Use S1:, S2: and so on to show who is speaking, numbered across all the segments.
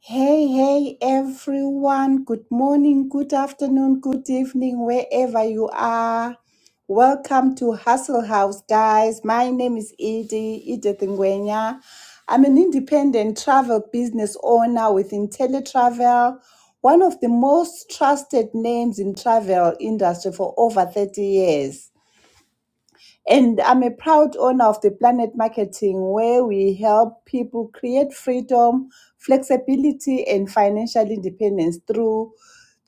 S1: Hey, hey, everyone. Good morning, good afternoon, good evening, wherever you are. Welcome to Hustle House, guys. My name is Edie, Edith Ngwenya. I'm an independent travel business owner within Teletravel, one of the most trusted names in travel industry for over 30 years. And I'm a proud owner of the Planet Marketing, where we help people create freedom, flexibility, and financial independence through,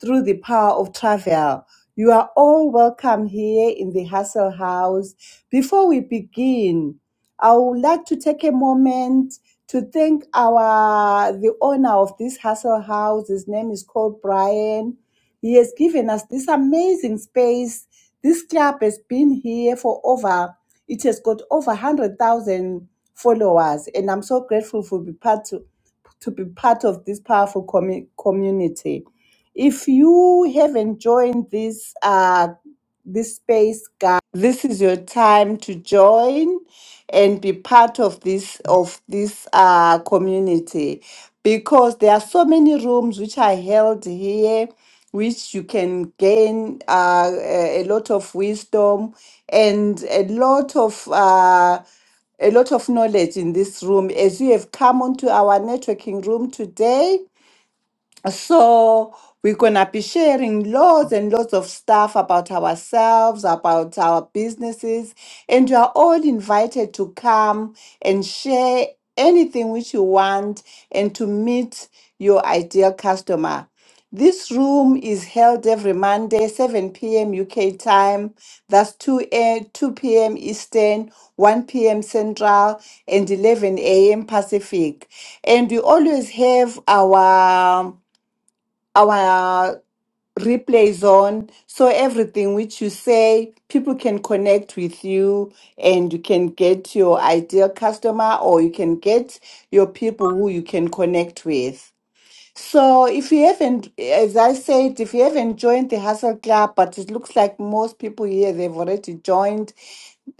S1: through the power of travel. You are all welcome here in the Hustle House. Before we begin, I would like to take a moment to thank our the owner of this Hustle House. His name is called Brian. He has given us this amazing space. This club has been here for over, it has got over 100,000 followers. And I'm so grateful for be part to, to be part of this powerful commu- community. If you haven't joined this uh, this space this is your time to join and be part of this of this uh, community because there are so many rooms which are held here which you can gain uh, a a lot of wisdom and a lot of uh, a lot of knowledge in this room as you have come onto our networking room today so we're gonna be sharing loads and loads of stuff about ourselves, about our businesses, and you are all invited to come and share anything which you want and to meet your ideal customer. This room is held every Monday, 7 p.m. UK time. That's 2, a, 2 p.m. Eastern, 1 p.m. Central, and 11 a.m. Pacific. And we always have our our replay is on. So everything which you say, people can connect with you and you can get your ideal customer or you can get your people who you can connect with. So if you haven't, as I said, if you haven't joined the Hustle Club, but it looks like most people here, they've already joined.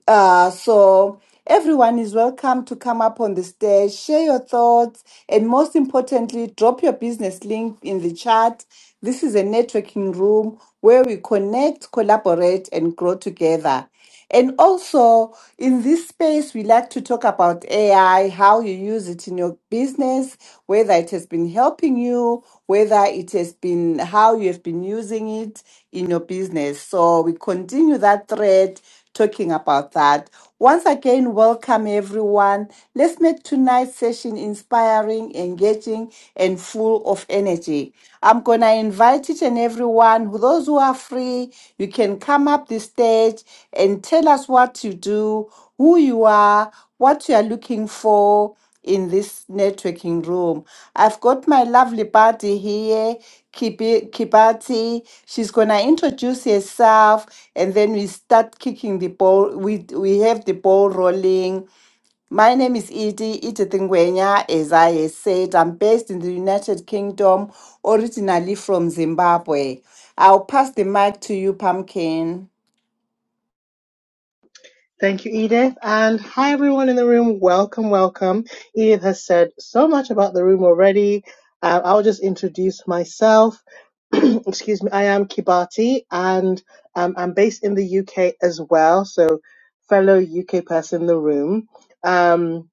S1: Uh, so everyone is welcome to come up on the stage, share your thoughts, and most importantly, drop your business link in the chat. This is a networking room where we connect, collaborate, and grow together. And also, in this space, we like to talk about AI, how you use it in your business, whether it has been helping you, whether it has been how you have been using it in your business. So, we continue that thread talking about that. Once again, welcome everyone. Let's make tonight's session inspiring, engaging, and full of energy. I'm going to invite each and everyone, those who are free, you can come up the stage and tell us what you do, who you are, what you are looking for in this networking room. I've got my lovely buddy here, Kibi- Kibati. She's gonna introduce herself, and then we start kicking the ball. We we have the ball rolling. My name is Edie Edith Ngwenya. As I said, I'm based in the United Kingdom, originally from Zimbabwe. I'll pass the mic to you, Pumpkin.
S2: Thank you, Edith. And hi, everyone in the room. Welcome, welcome. Edith has said so much about the room already. Uh, I'll just introduce myself. Excuse me. I am Kibati and um, I'm based in the UK as well. So, fellow UK person in the room. Um,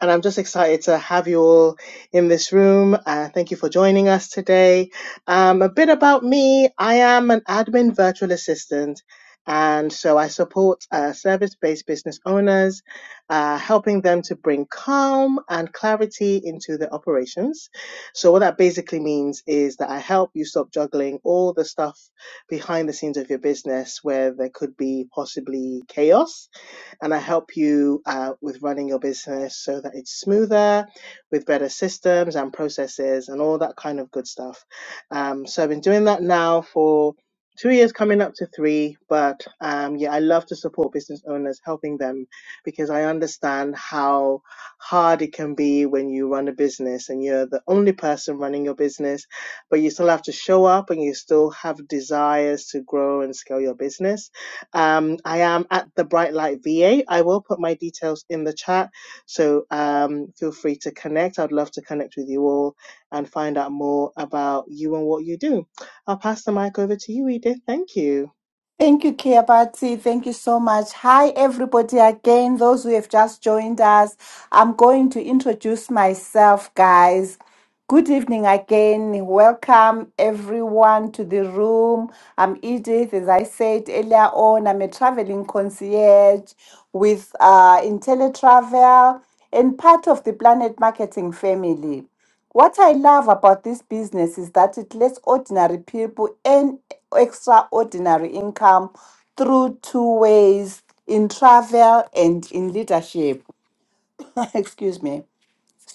S2: and I'm just excited to have you all in this room. Uh, thank you for joining us today. Um, a bit about me I am an admin virtual assistant, and so I support uh, service based business owners, uh, helping them to bring calm and clarity into their operations. So, what that basically means is that I help you stop juggling all the stuff behind the scenes of your business where there could be possibly chaos and I help you uh, with running your business so that it's smoother, with better systems and processes and all that kind of good stuff. Um, so I've been doing that now for two years, coming up to three. But um, yeah, I love to support business owners, helping them because I understand how hard it can be when you run a business and you're the only person running your business, but you still have to show up and you still have desires to grow and scale your business um, I am at the Bright Light VA. I will put my details in the chat, so um, feel free to connect. I'd love to connect with you all and find out more about you and what you do. I'll pass the mic over to you, Edith. Thank you.
S1: Thank you, Kiabati. Thank you so much. Hi, everybody, again, those who have just joined us. I'm going to introduce myself, guys. Good evening again. Welcome everyone to the room. I'm Edith. As I said earlier on, I'm a traveling concierge with uh, IntelliTravel and part of the Planet Marketing family. What I love about this business is that it lets ordinary people earn extraordinary income through two ways in travel and in leadership. Excuse me.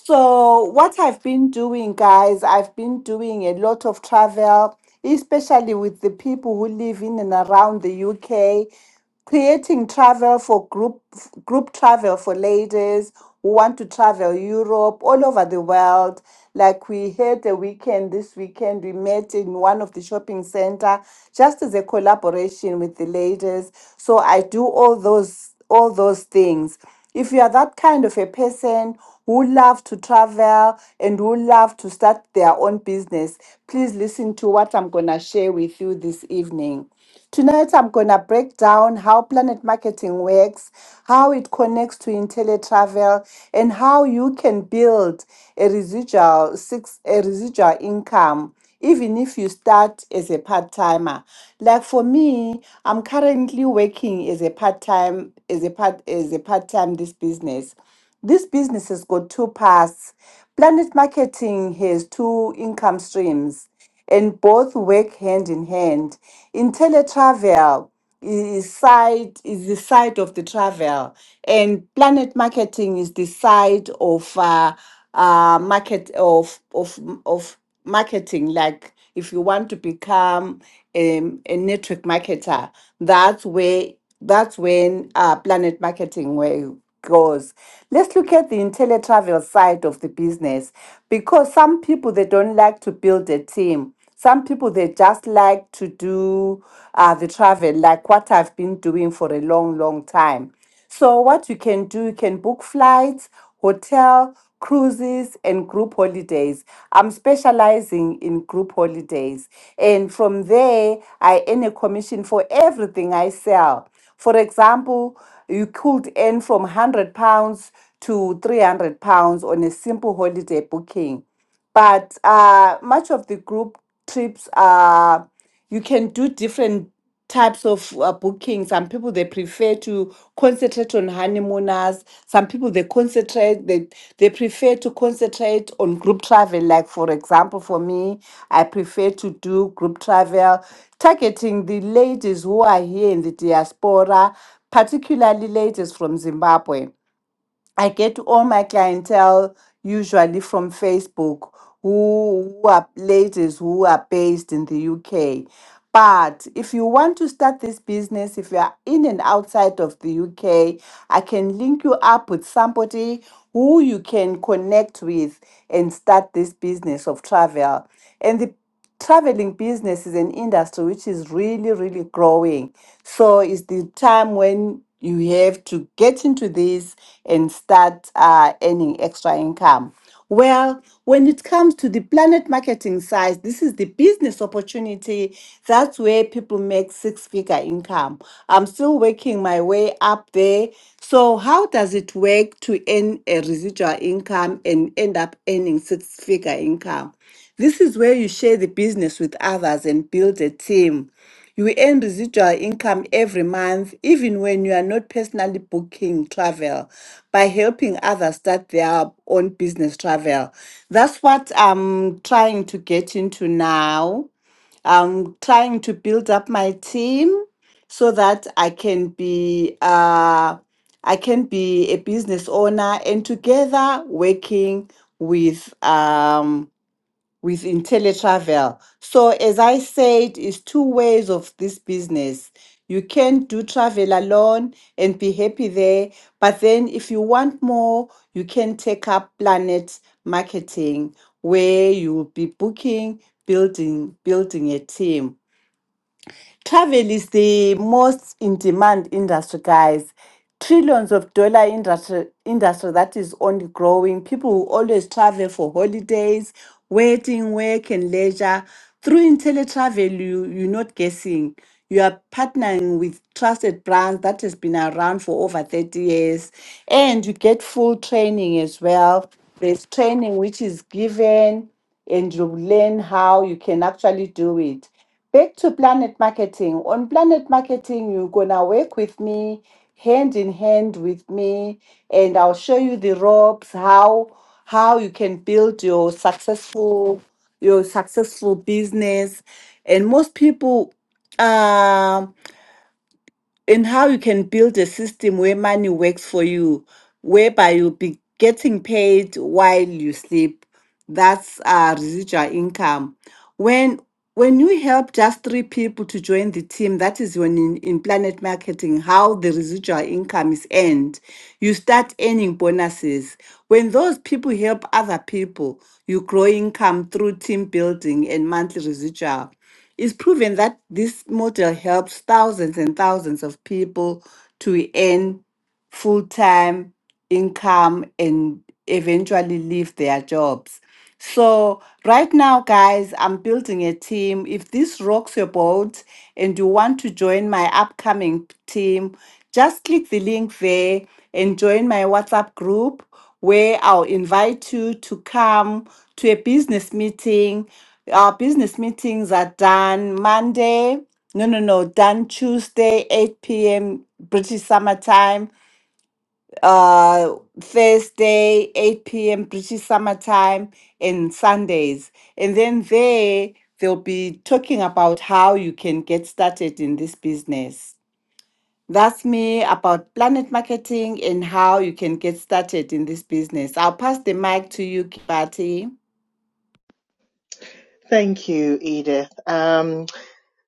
S1: So, what I've been doing, guys, I've been doing a lot of travel, especially with the people who live in and around the UK, creating travel for group group travel for ladies who want to travel Europe, all over the world. Like we had a weekend this weekend, we met in one of the shopping center just as a collaboration with the ladies. So I do all those s- all those things. If you are that kind of a person who love to travel and who love to start their own business, please listen to what I'm going to share with you this evening. Tonight, I'm going to break down how planet marketing works, how it connects to IntelliTravel, and how you can build a residual, six, a residual income even if you start as a part timer. Like for me, I'm currently working as a part time as a part as a part time this business. This business has got two parts. Planet marketing has two income streams and both work hand in hand. In teletravel is side is the side of the travel, and planet marketing is the side of uh, uh, market of of of marketing. Like if you want to become um, a network marketer, that's where that's when uh, Planet Marketing where goes. Let's look at the teletravel side of the business because some people they don't like to build a team. Some people they just like to do uh, the travel, like what I've been doing for a long, long time. So what you can do, you can book flights, hotel, cruises, and group holidays. I'm specializing in group holidays. And from there, I earn a commission for everything I sell. For example, you could earn from 100 pounds to 300 pounds on a simple holiday booking but uh, much of the group trips are you can do different types of uh, booking some people they prefer to concentrate on honeymooners some people they concentrate they they prefer to concentrate on group travel like for example for me i prefer to do group travel targeting the ladies who are here in the diaspora particularly ladies from zimbabwe I get all my clientele usually from Facebook who, who are ladies who are based in the UK. But if you want to start this business, if you are in and outside of the UK, I can link you up with somebody who you can connect with and start this business of travel. And the traveling business is an industry which is really really growing so it's the time when you have to get into this and start uh, earning extra income well when it comes to the planet marketing side this is the business opportunity that's where people make six figure income i'm still working my way up there so how does it work to earn a residual income and end up earning six figure income this is where you share the business with others and build a team. You earn residual income every month, even when you are not personally booking travel, by helping others start their own business travel. That's what I'm trying to get into now. I'm trying to build up my team so that I can be uh, I can be a business owner and together working with um, within teletravel. So, as I said, it's two ways of this business. You can do travel alone and be happy there, but then if you want more, you can take up planet marketing where you will be booking, building, building a team. Travel is the most in demand industry, guys. Trillions of dollar industry industry that is only growing. People will always travel for holidays, wedding, work, and leisure. Through IntelliTravel, you, you're not guessing. You are partnering with trusted brands that has been around for over 30 years. And you get full training as well. There's training which is given and you learn how you can actually do it. Back to Planet Marketing. On Planet Marketing, you're going to work with me, hand in hand with me, and I'll show you the ropes, how how you can build your successful your successful business. And most people um and how you can build a system where money works for you, whereby you'll be getting paid while you sleep. That's uh, residual income. When when you help just three people to join the team, that is when in, in Planet Marketing, how the residual income is earned. You start earning bonuses. When those people help other people, you grow income through team building and monthly residual. It's proven that this model helps thousands and thousands of people to earn full time income and eventually leave their jobs. So right now, guys, I'm building a team. If this rocks your boat and you want to join my upcoming p- team, just click the link there and join my WhatsApp group where I'll invite you to come to a business meeting. Our business meetings are done Monday. No, no, no, done Tuesday, 8 p.m. British Summer Time uh, Thursday, 8 p.m. British Summer Time, and Sundays. And then there, they'll be talking about how you can get started in this business. That's me about planet marketing and how you can get started in this business. I'll pass the mic to you, Kibati.
S2: Thank you, Edith. Um,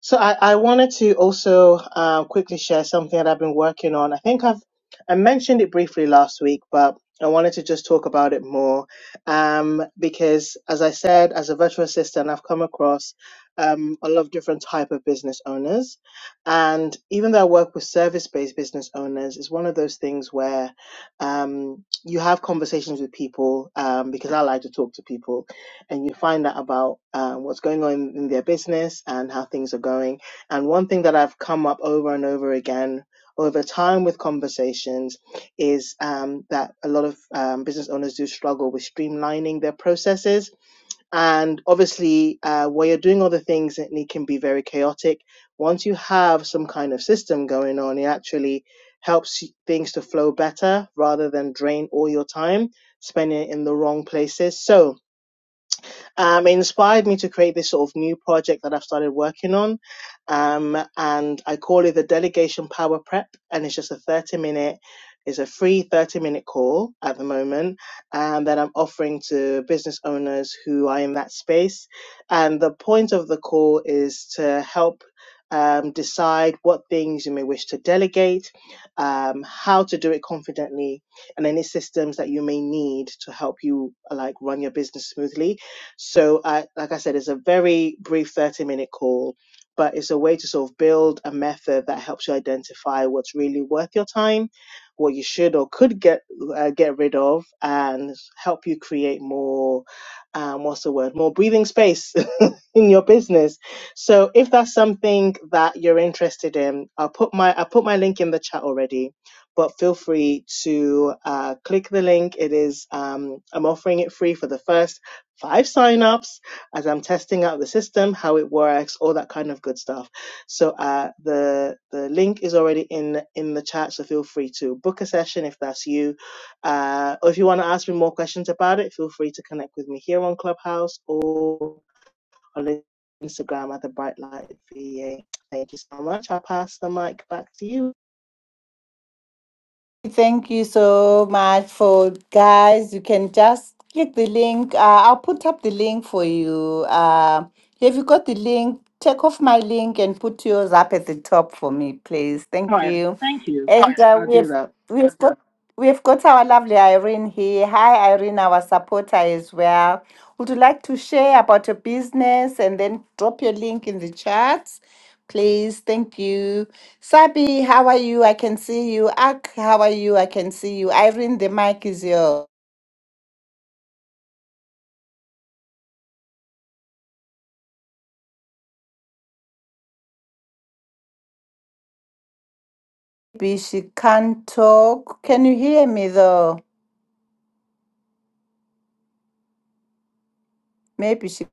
S2: So I, I wanted to also um, quickly share something that I've been working on. I think I've I mentioned it briefly last week, but I wanted to just talk about it more um, because, as I said, as a virtual assistant, I've come across um, a lot of different type of business owners, and even though I work with service-based business owners, it's one of those things where um, you have conversations with people um, because I like to talk to people, and you find out about um, what's going on in, their business and how things are going. And one thing that I've come up over and over again over time with conversations is um, that a lot of um, business owners do struggle with streamlining their processes. And obviously, uh, while you're doing all the things, it it can be very chaotic. Once you have some kind of system going on, it actually helps things to flow better rather than drain all your time, spending it in the wrong places. So, um, it inspired me to create this sort of new project that I've started working on. Um, and I call it the Delegation Power Prep. And it's just a 30 minute, it's a free 30 minute call at the moment um, that I'm offering to business owners who are in that space. And the point of the call is to help. Um, decide what things you may wish to delegate, um, how to do it confidently, and any systems that you may need to help you uh, like run your business smoothly so, I, like I said, it's a very brief 30 minute call, but it's a way to sort of build a method that helps you identify what's really worth your time, what you should or could get uh, get rid of, and help you create more, um, what's the word, more breathing space in your business. So if that's something that you're interested in, I'll put my I put my link in the chat already, but feel free to uh, click the link. It is um, I'm offering it free for the first five signups as I'm testing out the system, how it works, all that kind of good stuff. So uh, the the link is already in in the chat. So feel free to book a session if that's you. Uh, or if you want to ask me more questions about it, feel free to connect with me here on Clubhouse or on Instagram at the Bright Light VA. Thank you so much. I'll pass the mic back to you.
S1: Thank you so much for guys. You can just click the link. Uh, I'll put up the link for you. Uh, if you got the link, take off my link and put yours up at the top for me, please.
S2: All
S1: Thank
S2: right.
S1: you.
S2: Thank you.
S1: And uh,
S2: I'll
S1: we have
S2: do that.
S1: we have got we have got our lovely Irene here. Hi, Irene, our supporter as well. Would you like to share about your business and then drop your link in the chat? Please, thank you. Sabi, how are you? I can see you. Ak, how are you? I can see you. Irene, the mic is yours. Maybe she can't talk. Can you hear me though? Maybe she.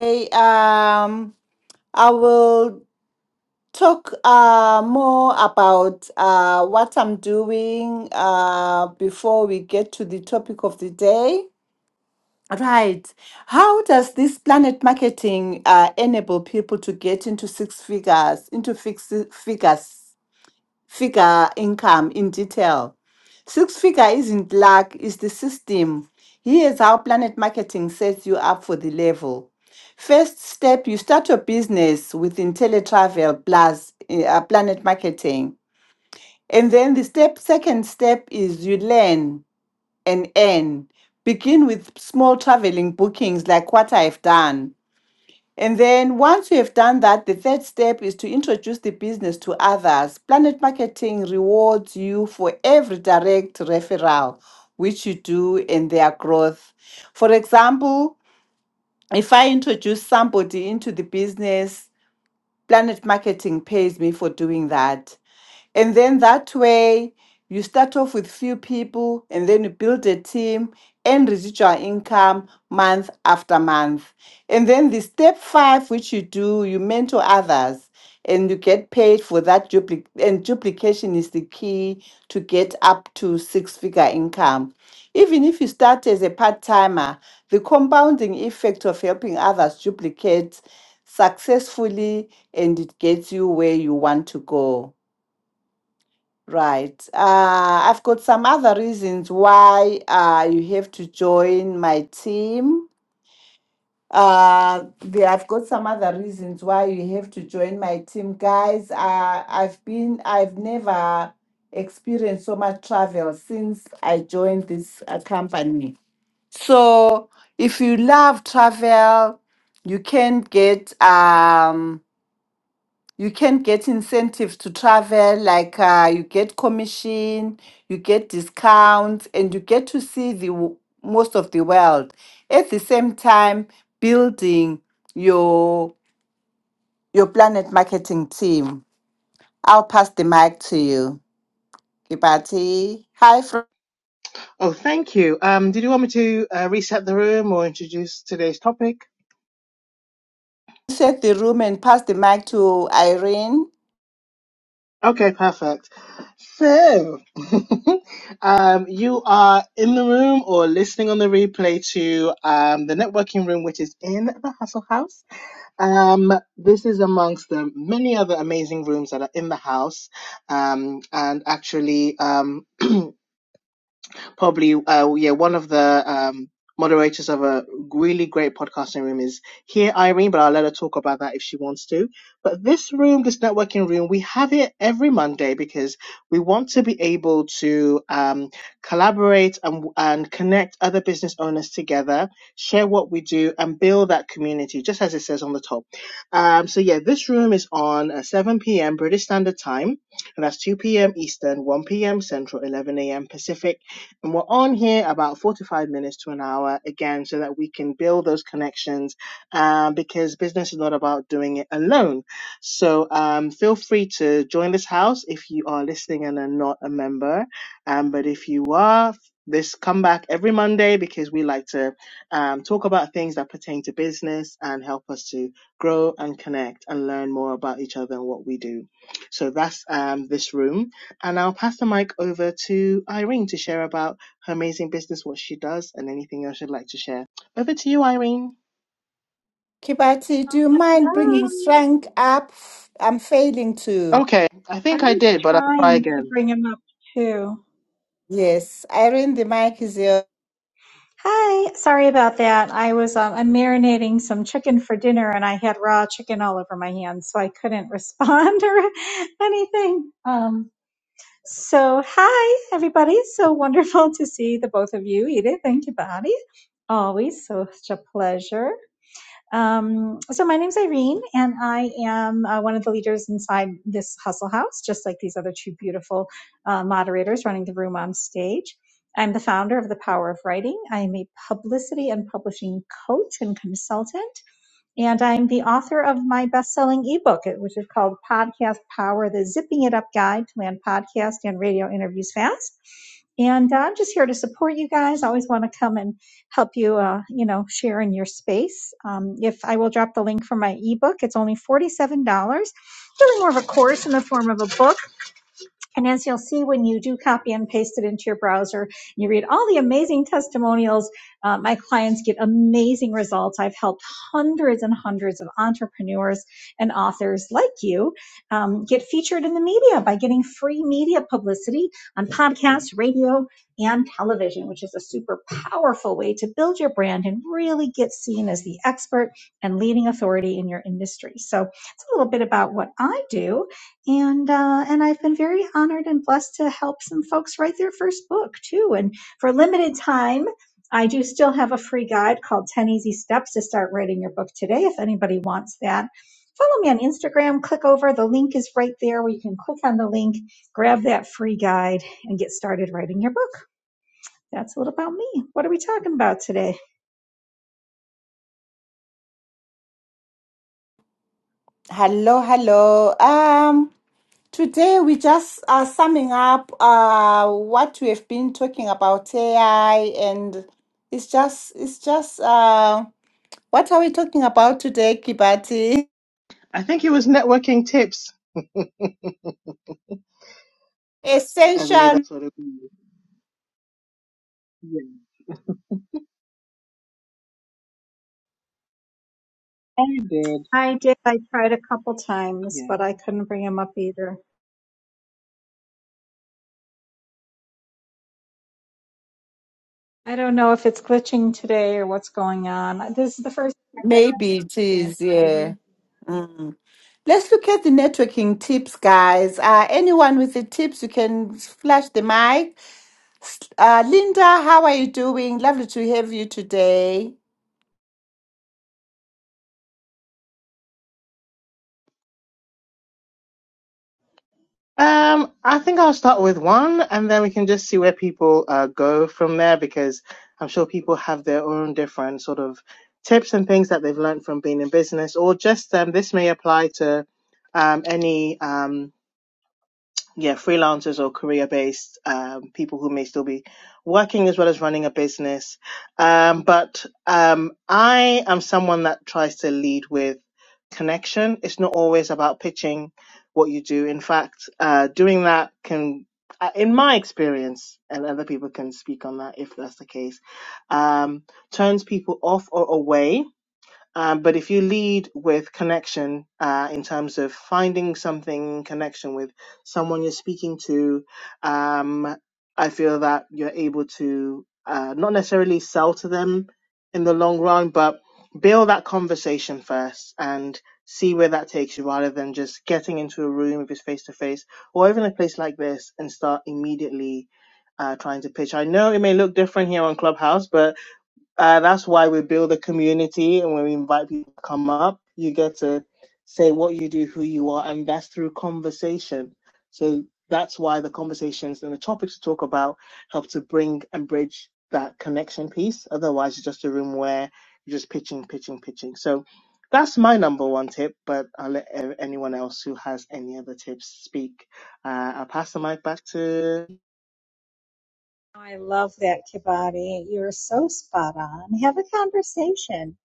S1: Hey, um, I will talk uh more about uh what I'm doing uh before we get to the topic of the day. Right. How does this planet marketing uh, enable people to get into six figures, into fixed figures, figure income in detail? Six figure isn't luck, it's the system. Here's how planet marketing sets you up for the level. First step, you start your business with IntelliTravel plus uh, planet marketing. And then the step, second step is you learn and earn. Begin with small traveling bookings like what I've done. And then once you have done that, the third step is to introduce the business to others. Planet Marketing rewards you for every direct referral which you do in their growth. For example, if I introduce somebody into the business, Planet Marketing pays me for doing that. And then that way, you start off with few people and then you build a team and residual income month after month. And then the step five, which you do, you mentor others and you get paid for that duplic and duplication is the key to get up to six figure income even if you start as a part-timer the compounding effect of helping others duplicate successfully and it gets you where you want to go Right. Uh, I've got some other reasons why uh, you have to join my team. Uh, the, I've got some other reasons why you have to join my team, guys. Uh, I've been, I've never experienced so much travel since I joined this uh, company. So if you love travel, you can get um you can get incentives to travel like uh, you get commission you get discounts and you get to see the w- most of the world at the same time building your your planet marketing team i'll pass the mic to you kibati hi friend
S2: Oh, thank you. Um, did you want me to uh, reset the room or introduce today's topic?
S1: set the room and pass the mic to irene
S2: Okay, perfect. So, um, you are in the room or listening on the replay to um, the networking room, which is in the Hustle House. Um, this is amongst the many other amazing rooms that are in the house. Um, and actually, um, probably uh, yeah one of the um, moderators of a really great podcasting room is here Irene, but I'll let her talk about that if she wants to. But this room, this networking room, we have it every Monday because we want to be able to um, collaborate and and connect other business owners together, share what we do, and build that community, just as it says on the top. Um, so yeah, this room is on uh, 7 p.m. British Standard Time and that's 2 p.m. Eastern, 1 p.m. Central, 11 a.m. Pacific. And we're on here about 45 minutes to an hour again, so that we can build those connections um, because business is not about doing it alone. So um, feel free to join this house if you are listening and are not a member. Um, but if you are, this come back every Monday because we like to um, talk about things that pertain to business and help us to grow and connect and learn more about each other and what we do. So that's um, this room. And I'll pass the mic over to Irene to share about her amazing business, what she does, and anything else you'd like to share. Over to you, Irene.
S1: kibati do
S3: Oh,
S1: you mind bringing
S3: hello.
S1: frank up i'm failing to
S2: Okay, I
S3: I
S2: think I
S3: was
S2: did, but I'll try
S3: trying to
S2: again.
S3: bring him up too.
S1: yes irene the mic is yours
S3: Hi. Sorry about that. I was um, I'm marinating some chicken for dinner, and I had raw chicken all over my hands, so I couldn't respond or anything. Um. So hi everybody. So wonderful to see the both of you, Edith and Kibati. Always such a pleasure. Um, so my name's Irene, and I am uh, one of the leaders inside this Hustle House, just like these other two beautiful uh, moderators running the room on stage. I'm the founder of The Power of Writing. I am a publicity and publishing coach and consultant. And I'm the author of my best selling ebook, which is called Podcast Power The Zipping It Up Guide to Land Podcast and Radio Interviews Fast. And uh, I'm just here to support you guys. I always want to come and help you, uh, you know, share in your space. Um, if I will drop the link for my ebook, it's only $47. Really more of a course in the form of a book and as you'll see when you do copy and paste it into your browser, you read all the amazing testimonials. Uh, my clients get amazing results. I've helped hundreds and hundreds of entrepreneurs and authors like you um, get featured in the media by getting free media publicity on podcasts, radio, and television, which is a super powerful way to build your brand and really get seen as the expert and leading authority in your industry. So it's a little bit about what I do and uh, and I've been very honored and blessed to help some folks write their first book too. And for a limited time, I do still have a free guide called Ten Easy Steps to Start Writing Your Book Today. If anybody wants that, follow me on Instagram. Click over the link is right there, where you can click on the link, grab that free guide, and get started writing your book. That's a little about me. What are we talking about today?
S1: Hello, hello. Um, today we just are summing up uh what we have been talking about AI, and it's just it's just uh what are we talking about today, Kibati?
S2: I think it was networking tips. I believe
S1: Essential,
S2: that's what it was. Yeah, I did.
S3: I did. I tried a couple times,
S2: Yeah.
S3: but I couldn't bring them up either. I don't know if it's glitching today or what's going on. This is the first time I've been
S1: maybe it
S3: on
S1: is,
S3: Twitch here.
S1: yeah. Mm. Let's look at the networking tips, guys. Uh, anyone with the tips, you can flash the mic. S- Uh, Linda, how are you doing? Lovely to have you today.
S2: Um, I think I'll start with one, and then we can just see where people uh, go from there because I'm sure people have their own different sort of tips and things that they've learned from being in business, or just um, this may apply to um, any um, yeah, freelancers or career based um, people who may still be working as well as running a business. Um, but um, I am someone that tries to lead with connection. It's not always about pitching what you do. In fact, uh, doing that can, uh, in my experience, and other people can speak on that if that's the case, um, turns people off or away um, but if you lead with connection uh, in terms of finding something in connection with someone you're speaking to, um, I feel that you're able to uh, not necessarily sell to them in the long run, but build that conversation first and see where that takes you rather than just getting into a room if it's face to face or even a place like this and start immediately uh, trying to pitch. I know it may look different here on Clubhouse, but uh, that's why we build a community, and when we invite people to come up, you get to say what you do, who you are, and that's through conversation. So that's why the conversations and the topics to talk about help to bring and bridge that connection piece. Otherwise, it's just a room where you're just pitching, pitching, pitching. So that's my number one tip, but I'll let uh, anyone else who has any other tips speak. Uh, I'll pass the mic back to
S3: I love that, Kibati. You're so spot on. Have a conversation,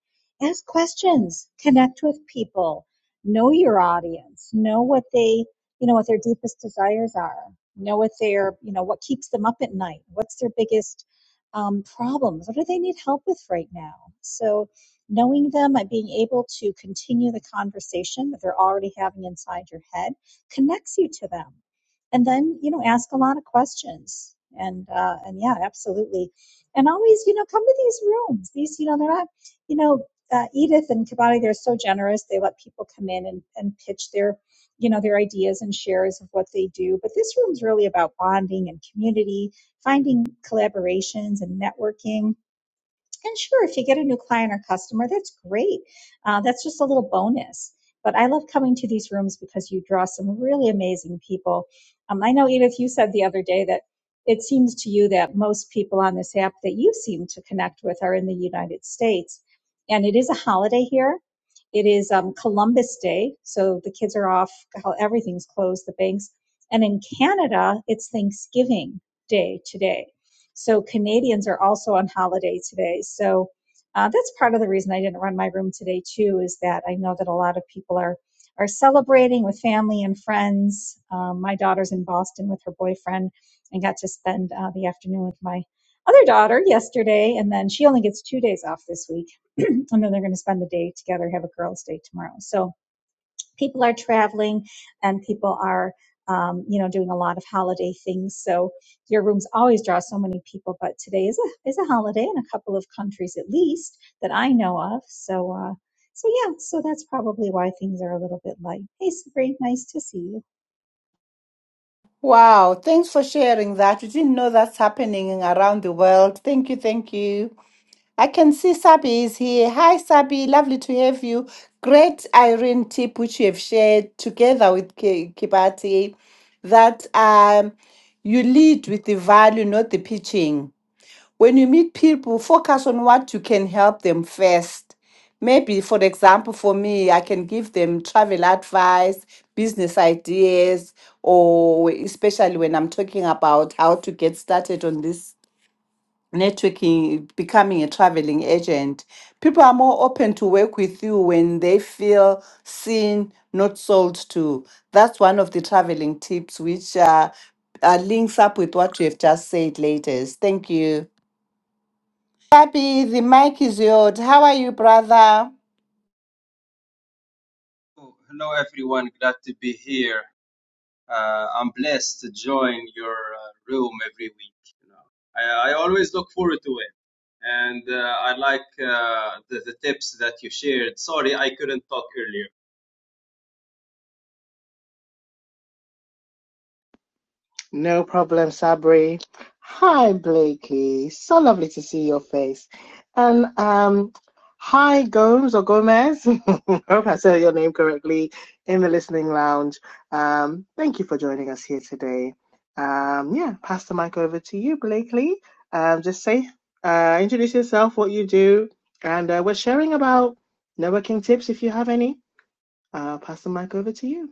S3: ask questions, connect with people, know your audience, know what they, you know, what their deepest desires are, know what their, you know, what keeps them up at night, what's their biggest um, problems, what do they need help with right now. So, knowing them and being able to continue the conversation that they're already having inside your head connects you to them and then you know ask a lot of questions and uh and yeah absolutely and always you know come to these rooms these you know they're not you know uh, edith and kabati they're so generous they let people come in and, and pitch their you know their ideas and shares of what they do but this room's really about bonding and community finding collaborations and networking and sure, if you get a new client or customer, that's great. Uh, that's just a little bonus. But I love coming to these rooms because you draw some really amazing people. Um, I know, Edith, you said the other day that it seems to you that most people on this app that you seem to connect with are in the United States. And it is a holiday here. It is um, Columbus Day. So the kids are off, everything's closed, the banks. And in Canada, it's Thanksgiving Day today. So Canadians are also on holiday today. So uh, that's part of the reason I didn't run my room today too, is that I know that a lot of people are are celebrating with family and friends. Um, my daughter's in Boston with her boyfriend, and got to spend uh, the afternoon with my other daughter yesterday, and then she only gets two days off this week, and then they're going to spend the day together, have a girls' day tomorrow. So people are traveling and people are um, you know doing a lot of holiday things so your rooms always draw so many people but today is a is a holiday in a couple of countries at least that i know of so uh so yeah so that's probably why things are a little bit light hey sabrina nice to see you
S1: Wow, thanks for sharing that. We didn't know that's happening around the world. Thank you, thank you. I can see Sabi is here. Hi, Sabi. Lovely to have you. Great Irene tip which you have shared together with Ki- Kibati that um, you lead with the value, not the pitching. When you meet people, focus on what you can help them first. Maybe, for example, for me, I can give them travel advice, business ideas, or especially when I'm talking about how to get started on this networking, becoming a traveling agent. People are more open to work with you when they feel seen, not sold to. That's one of the traveling tips, which uh, uh, links up with what you have just said, ladies. Thank you. Gabby, the mic is yours. How are you, brother?
S4: Oh, hello everyone, glad to be here. Uh, I'm blessed to join your uh, room every week. You know, I, I always look forward to it, and uh, I like uh, the, the tips that you shared. Sorry, I couldn't talk earlier.
S2: No problem, Sabri. Hi, Blakely. So lovely to see your face. And um, hi, Gomes or Gomez. I Hope I said your name correctly in the listening lounge. Um, thank you for joining us here today. Um, yeah, pass the mic over to you, Blakely. Um, just say, uh, introduce yourself, what you do, and uh, we're sharing about networking tips if you have any. Uh, pass the mic over to you.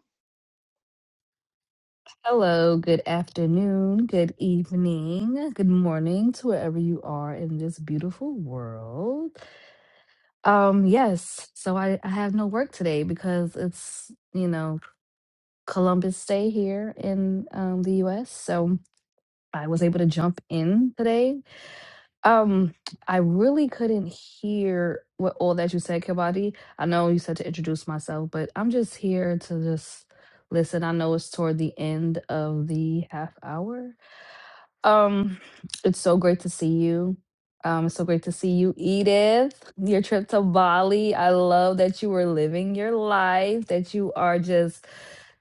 S5: Hello, good afternoon, good evening, good morning to wherever you are in this beautiful world. Um, yes, so I, I have no work today because it's, you know, Columbus Day here in um, the US. So I was able to jump in today. Um, I really couldn't hear what all that you said, Kabadi. I know you said to introduce myself, but I'm just here to just listen. I know it's toward the end of the half hour Um, it's so great to see you. Um, it's so great to see you, Edith. Your trip to Bali. I love that you were living your life, that you are just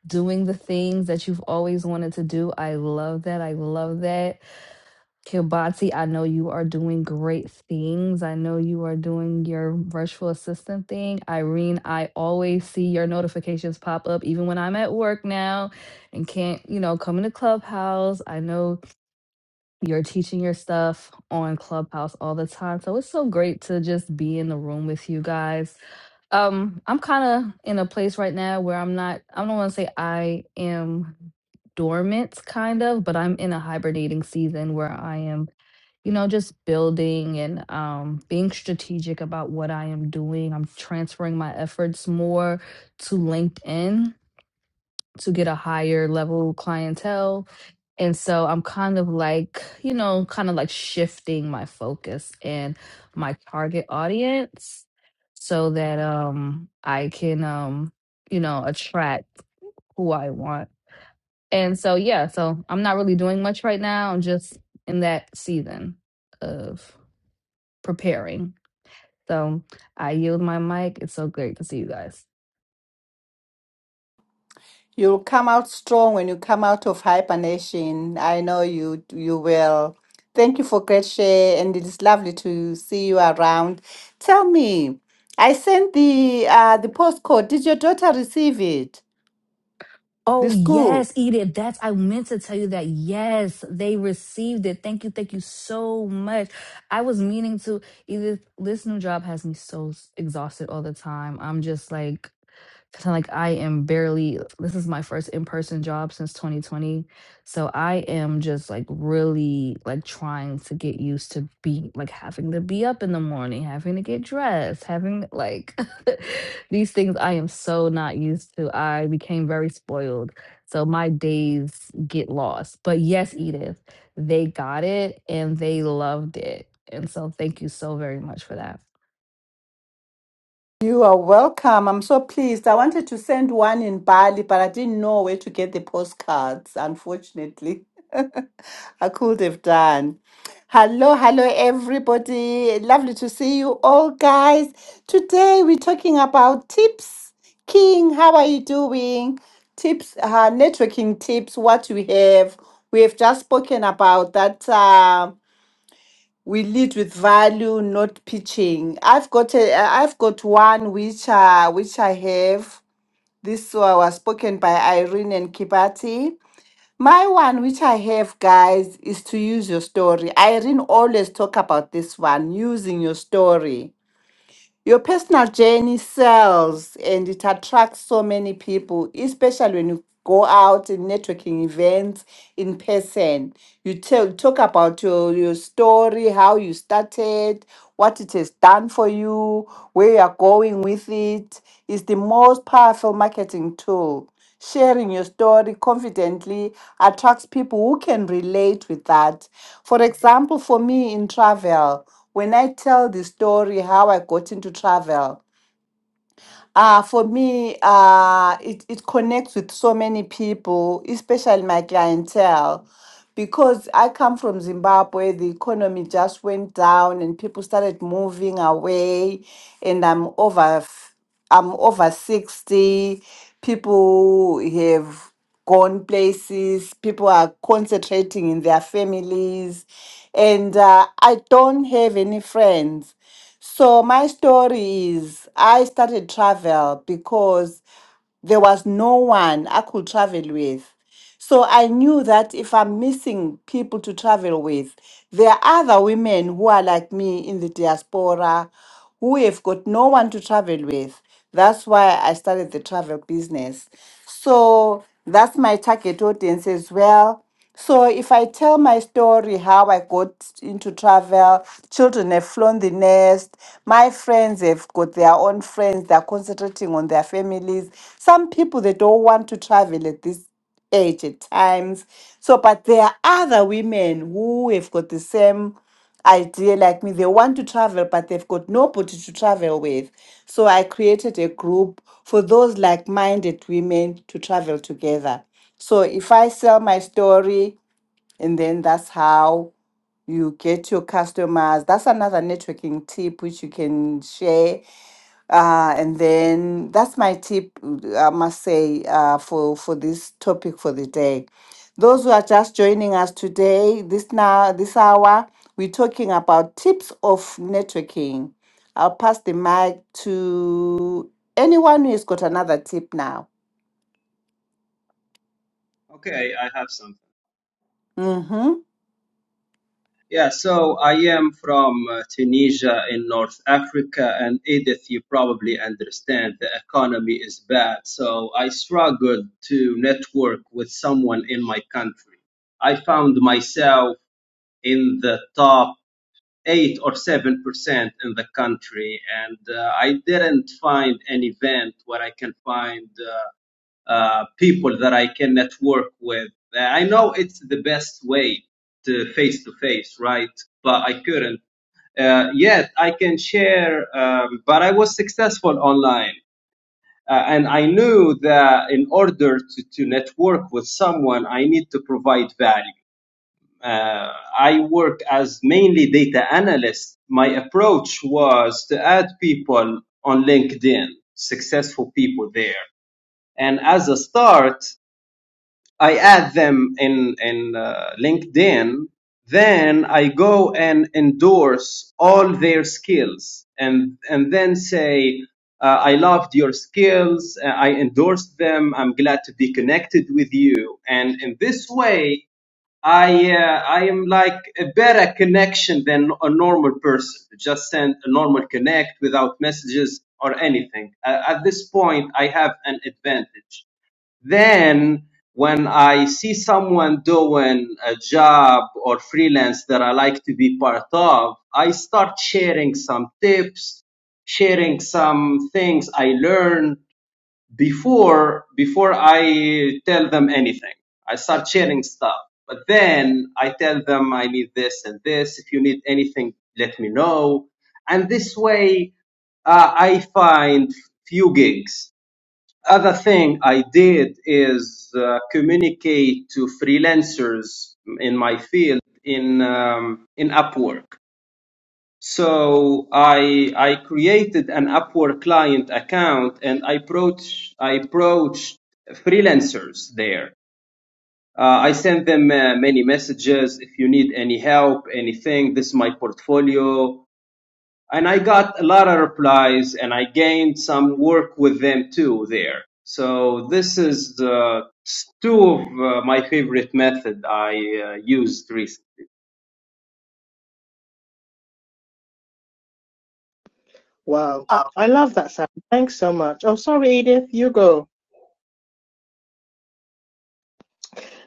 S5: doing the things that you've always wanted to do. I love that. I love that. Kibati, I know you are doing great things. I know you are doing your virtual assistant thing. Irene, I always see your notifications pop up, even when I'm at work now and can't, you know, come into Clubhouse. I know you're teaching your stuff on Clubhouse all the time. So it's so great to just be in the room with you guys. Um, I'm kind of in a place right now where I'm not, I don't want to say I am dormant, kind of, but I'm in a hibernating season where I am, you know, just building and um, being strategic about what I am doing. I'm transferring my efforts more to LinkedIn to get a higher level clientele. And so I'm kind of like, you know, kind of like shifting my focus and my target audience so that um I can um, you know, attract who I want. And so yeah, so I'm not really doing much right now. I'm just in that season of preparing. So I yield my mic. It's so great to see you guys.
S1: You'll come out strong when you come out of hibernation. I know you you will. Thank you for great share, and it is lovely to see you around. Tell me, I sent the uh, the postcode. Did your daughter receive it? The
S5: Oh,
S1: school.
S5: yes, Edith. That's, I meant to tell you that. Yes, they received it. Thank you. Thank you so much. I was meaning to, Edith, this new job has me so s- exhausted all the time. I'm just like, feeling like I am barely, this is my first in person job since 2020. So I am just like really like trying to get used to be like having to be up in the morning, having to get dressed, having like these things I am so not used to. I became very spoiled. So my days get lost. But yes, Edith, they got it and they loved it. And so thank you so very much for that.
S1: You are welcome. I'm so pleased. I wanted to send one in Bali, but I didn't know where to get the postcards, unfortunately. I could have done. Hello, hello, everybody. Lovely to see you all, guys. Today we're talking about tips. King, how are you doing? Tips, uh, networking tips, what we have. We have just spoken about that. Um, we lead with value not pitching i've got a i've got one which uh which i have this one was spoken by irene and kibati my one which i have guys is to use your story irene always talk about this one using your story your personal journey sells and it attracts so many people, especially when you go out in networking events in person. You tell talk about your, your story, how you started, what it has done for you, where you are going with it. It's the most powerful marketing tool. Sharing your story confidently attracts people who can relate with that. For example, for me in travel, when I tell the story how I got into travel, uh, for me, uh, it, it connects with so many people, especially my clientele, because I come from Zimbabwe, the economy just went down and people started moving away, and I'm over, f- I'm over 60. People have gone places, people are concentrating in their families, and uh, I don't have any friends. So my story is I started travel because there was no one I could travel with. So I knew that if I'm missing people to travel with, there are other women who are like me in the diaspora who have got no one to travel with. That's why I started the travel business. So that's my target audience as well. So if I tell my story, how I got into travel, children have flown the nest, my friends have got their own friends, they're concentrating on their families. Some people they don't want to travel at this age at times. So but there are other women who have got the same idea like me. They want to travel, but they've got nobody to travel with. So I created a group for those like minded women to travel together. So if I sell my story, and then that's how you get your customers. That's another networking tip which you can share uh, and then that's my tip, I must say, uh, for, for this topic for the day. Those who are just joining us today, this now, this hour, we're talking about tips of networking. I'll pass the mic to anyone who has got another tip now.
S4: Okay, I have something.
S1: Mm-hmm.
S4: Yeah, so I am from uh, Tunisia in North Africa, and Edith, you probably understand the economy is bad. So I struggled to network with someone in my country. I found myself in the top eight or seven percent in the country, and uh, I didn't find an event where I can find uh, uh, people that I can network with. Uh, I know it's the best way to face to face, right? But I couldn't. Uh, yet I can share, um, but I was successful online. Uh, and I knew that in order to, to network with someone, I need to provide value uh, I worked as mainly data analyst, my approach was to add people on LinkedIn, successful people there. And as a start, I add them in in uh, LinkedIn, then I go and endorse all their skills, and and then say. Uh, I loved your skills. uh, I endorsed them. I'm glad to be connected with you. And in this way, I uh, I am like a better connection than a normal person. Just send a normal connect without messages or anything. Uh, at this point, I have an advantage. Then when I see someone doing a job or freelance that I like to be part of, I start sharing some tips, sharing some things I learned before before I tell them anything. I start sharing stuff. But then I tell them I need this and this. If you need anything, let me know. And this way, uh, I find few gigs other thing I did is uh, communicate to freelancers in my field in um, in Upwork. So I I created an Upwork client account and I approached I approached freelancers there. Uh, I sent them uh, many messages. If you need any help, anything, this is my portfolio and I got a lot of replies, and I gained some work with them too there. So this is the two of uh, my favorite method I uh, used recently.
S2: Wow. I love that sound. Thanks so much. Oh, sorry, Edith. You go.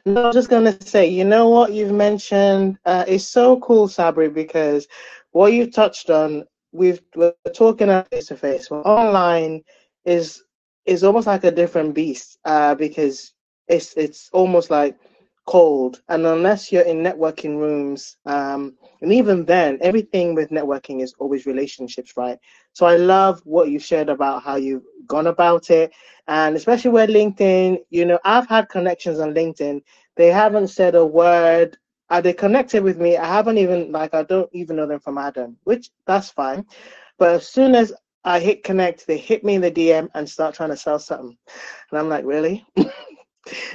S2: No, I am just gonna say, you know what you've mentioned uh, is so cool, Sabri, because what you've touched on, we've we're talking face to face. Well, online is is almost like a different beast uh, because it's it's almost like cold, and unless you're in networking rooms, um, and even then, everything with networking is always relationships, right? So I love what you shared about how you've gone about it, and especially with LinkedIn. You know, I've had connections on LinkedIn they haven't said a word. Are they connected with me? I haven't even like I don't even know them from Adam, which that's fine. But as soon as I hit connect, they hit me in the DM and start trying to sell something, and I'm like, really?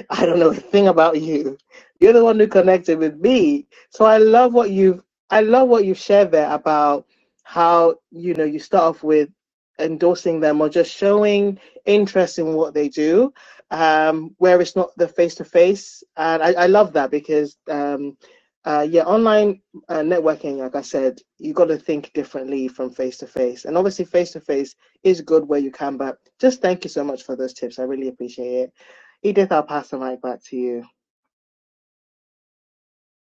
S2: I don't know a thing about you. You're the one who connected with me. So I love what you've I love what you've shared there about how, you know, you start off with endorsing them or just showing interest in what they do, um, where it's not the face to face. And I, I love that because um uh, yeah, online uh, networking, like I said, you got to think differently from face to face. And obviously, face to face is good where you can, but just thank you so much for those tips. I really appreciate it. Edith, I'll pass the mic back to you.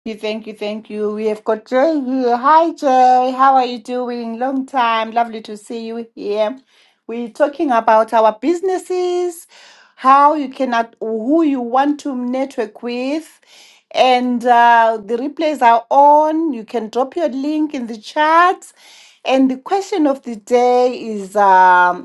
S1: you, thank you, thank you. We have got Jay here. Hi, Jay. How are you doing? Long time. Lovely to see you here. We're talking about our businesses, how you cannot, who you want to network with, and uh, the replays are on. You can drop your link in the chat. And the question of the day is. um,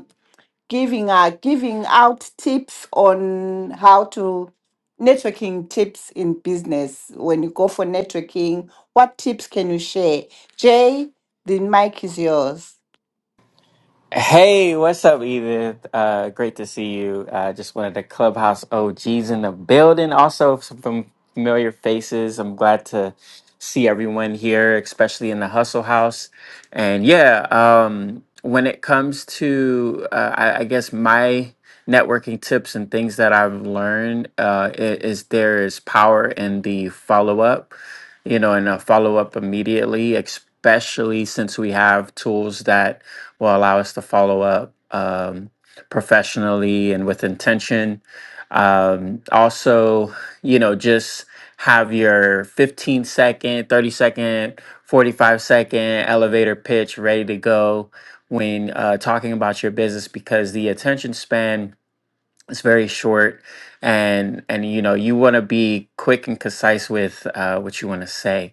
S1: giving uh, giving out tips on how to networking tips in business when you go for networking what tips can you share jay the mic is yours
S6: Hey, what's up, Edith? Uh, great to see you. Uh, just wanted to clubhouse OGs in the building. Also, some fam- familiar faces. I'm glad to see everyone here, especially in the Hustle House. And yeah, um, when it comes to, uh, I, I guess, my networking tips and things that I've learned, uh, i- is there is power in the follow up you know, and a follow up immediately, especially since we have tools that will allow us to follow up um, professionally and with intention. Um, also, you know, just have your 15 second, 30 second, 45 second elevator pitch ready to go when uh, talking about your business because the attention span is very short and and you know you want to be quick and concise with uh, what you want to say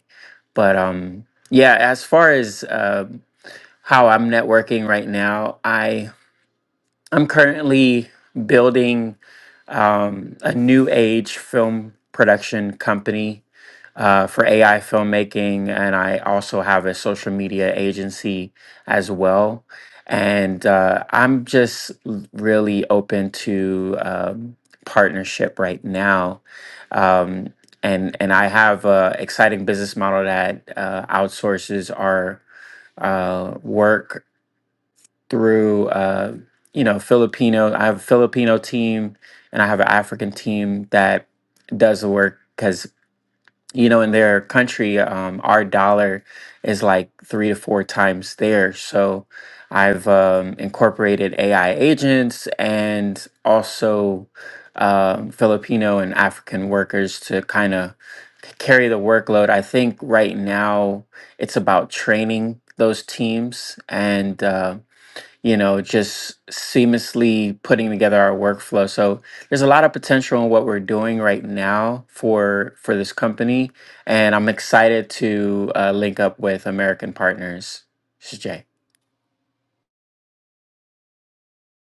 S6: but um, yeah, as far as uh, how I'm networking right now, I I'm currently building um, a new age film production company uh, for AI filmmaking, and I also have a social media agency as well. And uh, I'm just l- really open to um, partnership right now. Um, and and I have a exciting business model that uh, outsources our uh, work through uh, you know Filipino. I have a Filipino team and I have an African team that does the work because you know in their country um, our dollar is like three to four times theirs. So I've um, incorporated AI agents and also um, Filipino and African workers to kind of carry the workload. I think right now it's about training those teams and. Um, you know, just seamlessly putting together our workflow. So there's a lot of potential in what we're doing right now for for this company, and I'm excited to uh, link up with American partners. This is Jay.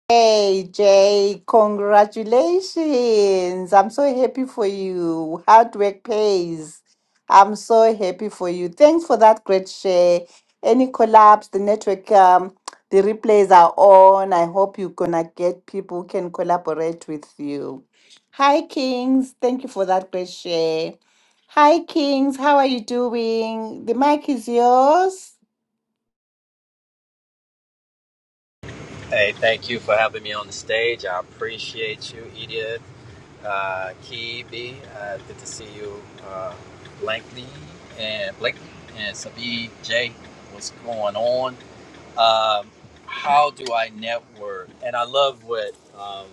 S1: Hey Jay, congratulations. I'm so happy for you. Hard work pays. I'm so happy for you. Thanks for that great share. Any collapse, the network, um, the replays are on. I hope you're gonna get people who can collaborate with you. Hi Kings, thank you for that great share. Hi Kings, how are you doing? The mic is yours.
S7: Hey, thank you for having me on the stage. I appreciate you, Edith, uh, Kibi. Uh, good to see you, uh, Blankley and Blakely and Sabi J. What's going on? Um, how do I network? And I love what um,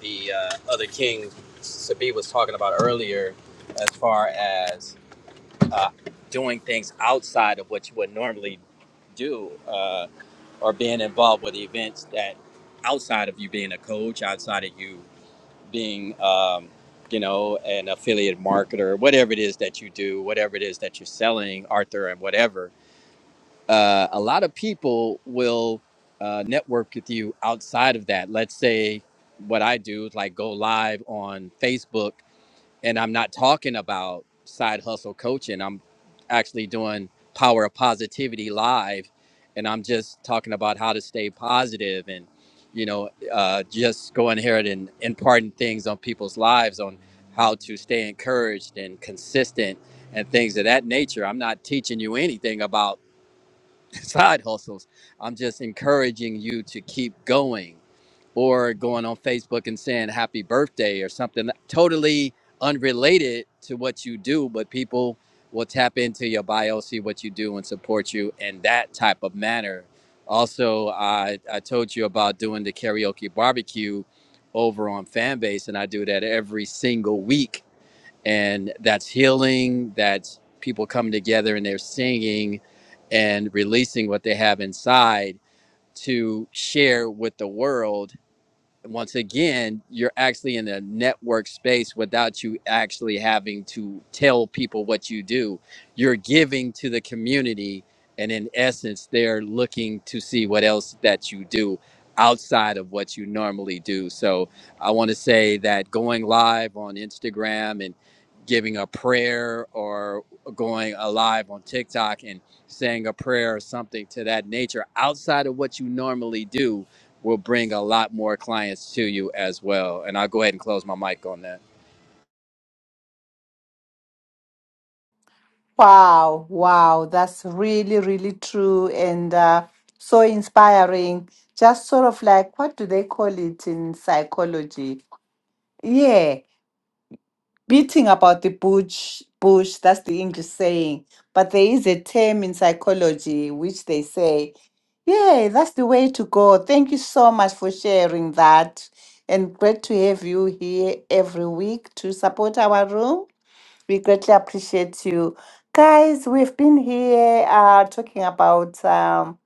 S7: the uh, other king Sabi was talking about earlier, as far as uh, doing things outside of what you would normally do uh, or being involved with events that outside of you being a coach outside of you being um, you know an affiliate marketer whatever it is that you do whatever it is that you're selling arthur and whatever uh, a lot of people will uh, network with you outside of that let's say what i do is like go live on facebook and I'm not talking about side hustle coaching. I'm actually doing power of positivity live, and I'm just talking about how to stay positive and you know uh, just going here and imparting things on people's lives on how to stay encouraged and consistent and things of that nature. I'm not teaching you anything about side hustles. I'm just encouraging you to keep going or going on Facebook and saying happy birthday or something totally unrelated to what you do, but people will tap into your bio, see what you do, and support you in that type of manner. Also, I, I told you about doing the karaoke barbecue over on Fanbase, and I do that every single week and that's healing that's people coming together and they're singing and releasing what they have inside to share with the world once again, you're actually in a network space without you actually having to tell people what you do. You're giving to the community, and in essence, they're looking to see what else that you do outside of what you normally do. So I want to say that going live on Instagram and giving a prayer or going alive on TikTok and saying a prayer or something to that nature outside of what you normally do will bring a lot more clients to you as well. And I'll go ahead and close my mic on that.
S1: Wow, wow, that's really, really true and uh, so inspiring. Just sort of like, what do they call it in psychology? Yeah, beating about the bush, bush, that's the English saying. But there is a term in psychology which they say, yeah, that's the way to go. Thank you so much for sharing that. And great to have you here every week to support our room. We greatly appreciate you. Guys, we've been here uh, talking about um,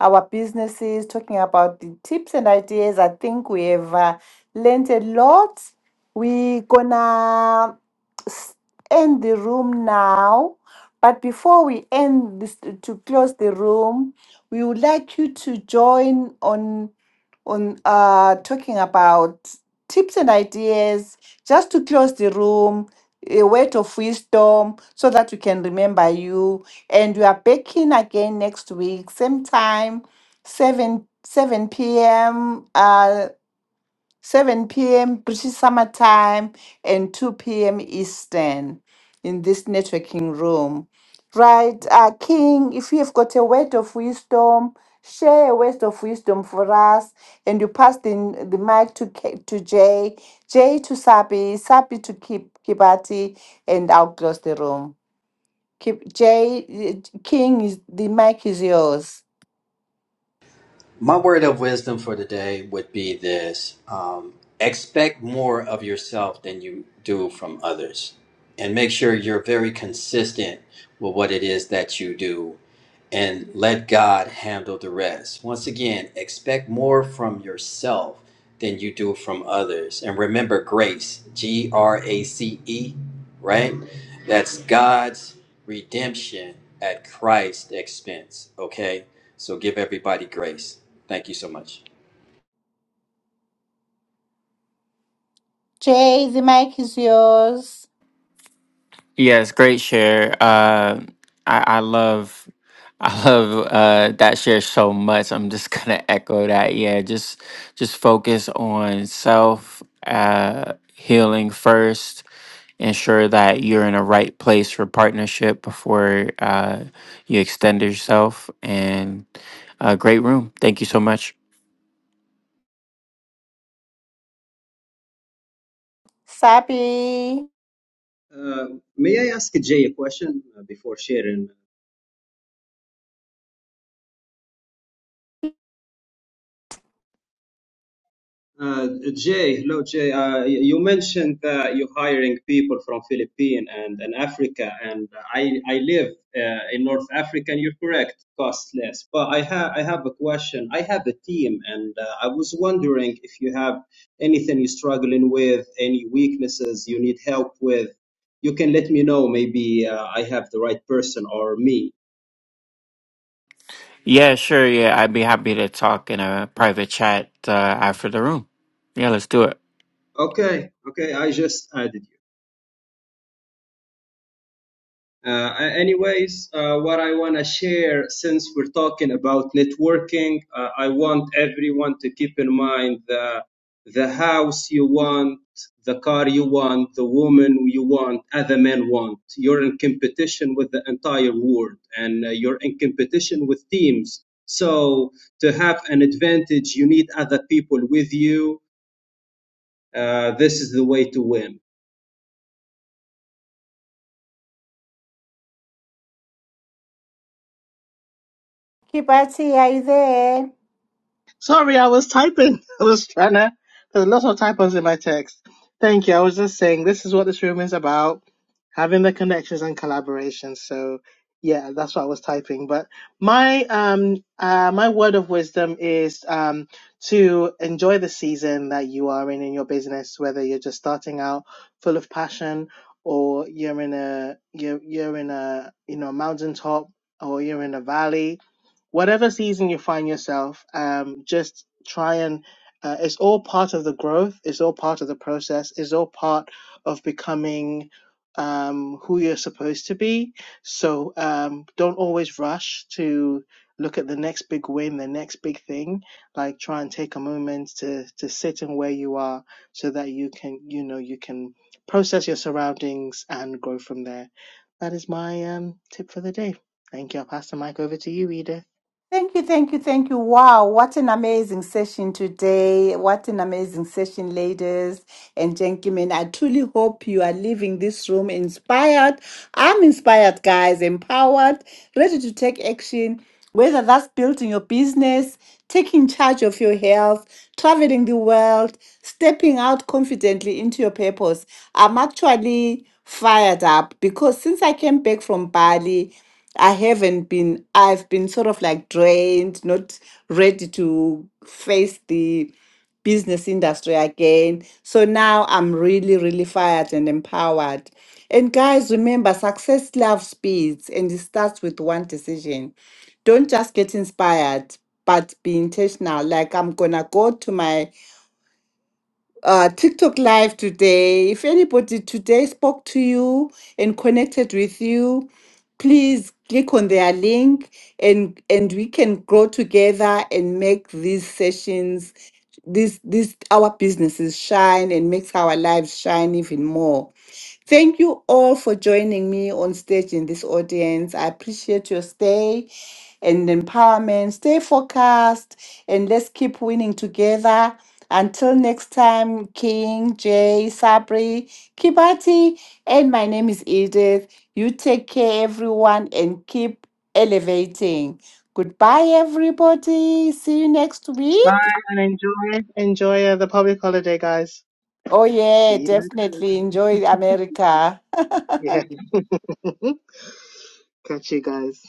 S1: our businesses, talking about the tips and ideas. I think we have uh, learned a lot. We're gonna s- end the room now. But before we end this, to close the room, we would like you to join on on uh, talking about tips and ideas just to close the room, a word of wisdom so that we can remember you. And we are back in again next week, same time, 7, 7 p.m. Uh. 7 p.m. British Summer Time and 2 p.m. Eastern in this networking room. Right, uh, King, if you have got a word of wisdom, share a word of wisdom for us. And you pass the, the mic to, K- to Jay, Jay to Sabi, Sabi to Kip, Kibati, and I'll close the room. Kip, Jay, uh, King, is, the mic is yours.
S7: My word of wisdom for today would be this um, expect more of yourself than you do from others. And make sure you're very consistent with what it is that you do and let God handle the rest. Once again, expect more from yourself than you do from others. And remember grace, G R A C E, right? That's God's redemption at Christ's expense, okay? So give everybody grace. Thank you so much.
S1: Jay, the mic is yours.
S6: Yes, great share. Uh, I, I love, I love uh, that share so much. I'm just gonna echo that. Yeah, just just focus on self uh, healing first. Ensure that you're in a right place for partnership before uh, you extend yourself. And uh, great room. Thank you so much.
S1: Sappy,
S4: Uh, may I ask Jay a question uh, before sharing Uh, Jay, hello Jay. Uh, y- you mentioned that you're hiring people from Philippines and, and Africa, and I I live uh, in North Africa, and you're correct, cost less. But I have I have a question. I have a team, and uh, I was wondering if you have anything you're struggling with, any weaknesses you need help with. You can let me know. Maybe uh, I have the right person or me.
S6: Yeah, sure. Yeah, I'd be happy to talk in a private chat uh, after the room. Yeah, let's do it.
S4: Okay, okay. I just added you. Uh, anyways, uh, what I want to share since we're talking about networking, uh, I want everyone to keep in mind the, the house you want, the car you want, the woman you want, other men want. You're in competition with the entire world and uh, you're in competition with teams. So, to have an advantage, you need other people with you. Uh, this is the way to win.
S1: Kibati, are you there?
S2: Sorry, I was typing. I was trying to. There's lots of typos in my text. Thank you. I was just saying this is what this room is about having the connections and collaboration. So, yeah, that's what I was typing. But my um uh my word of wisdom is um to enjoy the season that you are in in your business, whether you're just starting out full of passion or you're in a you're you're in a you know mountaintop or you're in a valley whatever season you find yourself, um, just try and uh, it's all part of the growth. It's all part of the process. It's all part of becoming um, who you're supposed to be. So um, don't always rush to look at the next big win, the next big thing. Like try and take a moment to to sit in where you are, so that you can you know you can process your surroundings and grow from there. That is my um, tip for the day. Thank you. I'll pass the mic over to you, Edith.
S1: Thank you, thank you, thank you. Wow, what an amazing session today. What an amazing session, ladies and gentlemen. I truly hope you are leaving this room inspired. I'm inspired, guys, empowered, ready to take action, whether that's building your business, taking charge of your health, traveling the world, stepping out confidently into your purpose. I'm actually fired up because since I came back from Bali, I haven't been, I've been sort of like drained, not ready to face the business industry again. So now I'm really, really fired and empowered. And guys, remember success loves speeds and it starts with one decision. Don't just get inspired, but be intentional. Like I'm gonna go to my uh, TikTok Live today. If anybody today spoke to you and connected with you, please click on their link and and we can grow together and make these sessions, this this our businesses shine and makes our lives shine even more. Thank you all for joining me on stage in this audience. I appreciate your stay and empowerment. Stay focused and let's keep winning together. Until next time, King, Jay, Sabri, Kibati, and my name is Edith. You take care, everyone, and keep elevating. Goodbye, everybody. See you next week.
S2: Bye and enjoy. Enjoy uh, the public holiday, guys.
S1: Oh, yeah,
S2: See you next
S1: definitely.
S2: week.
S1: Enjoy America.
S2: Yeah. Catch you guys.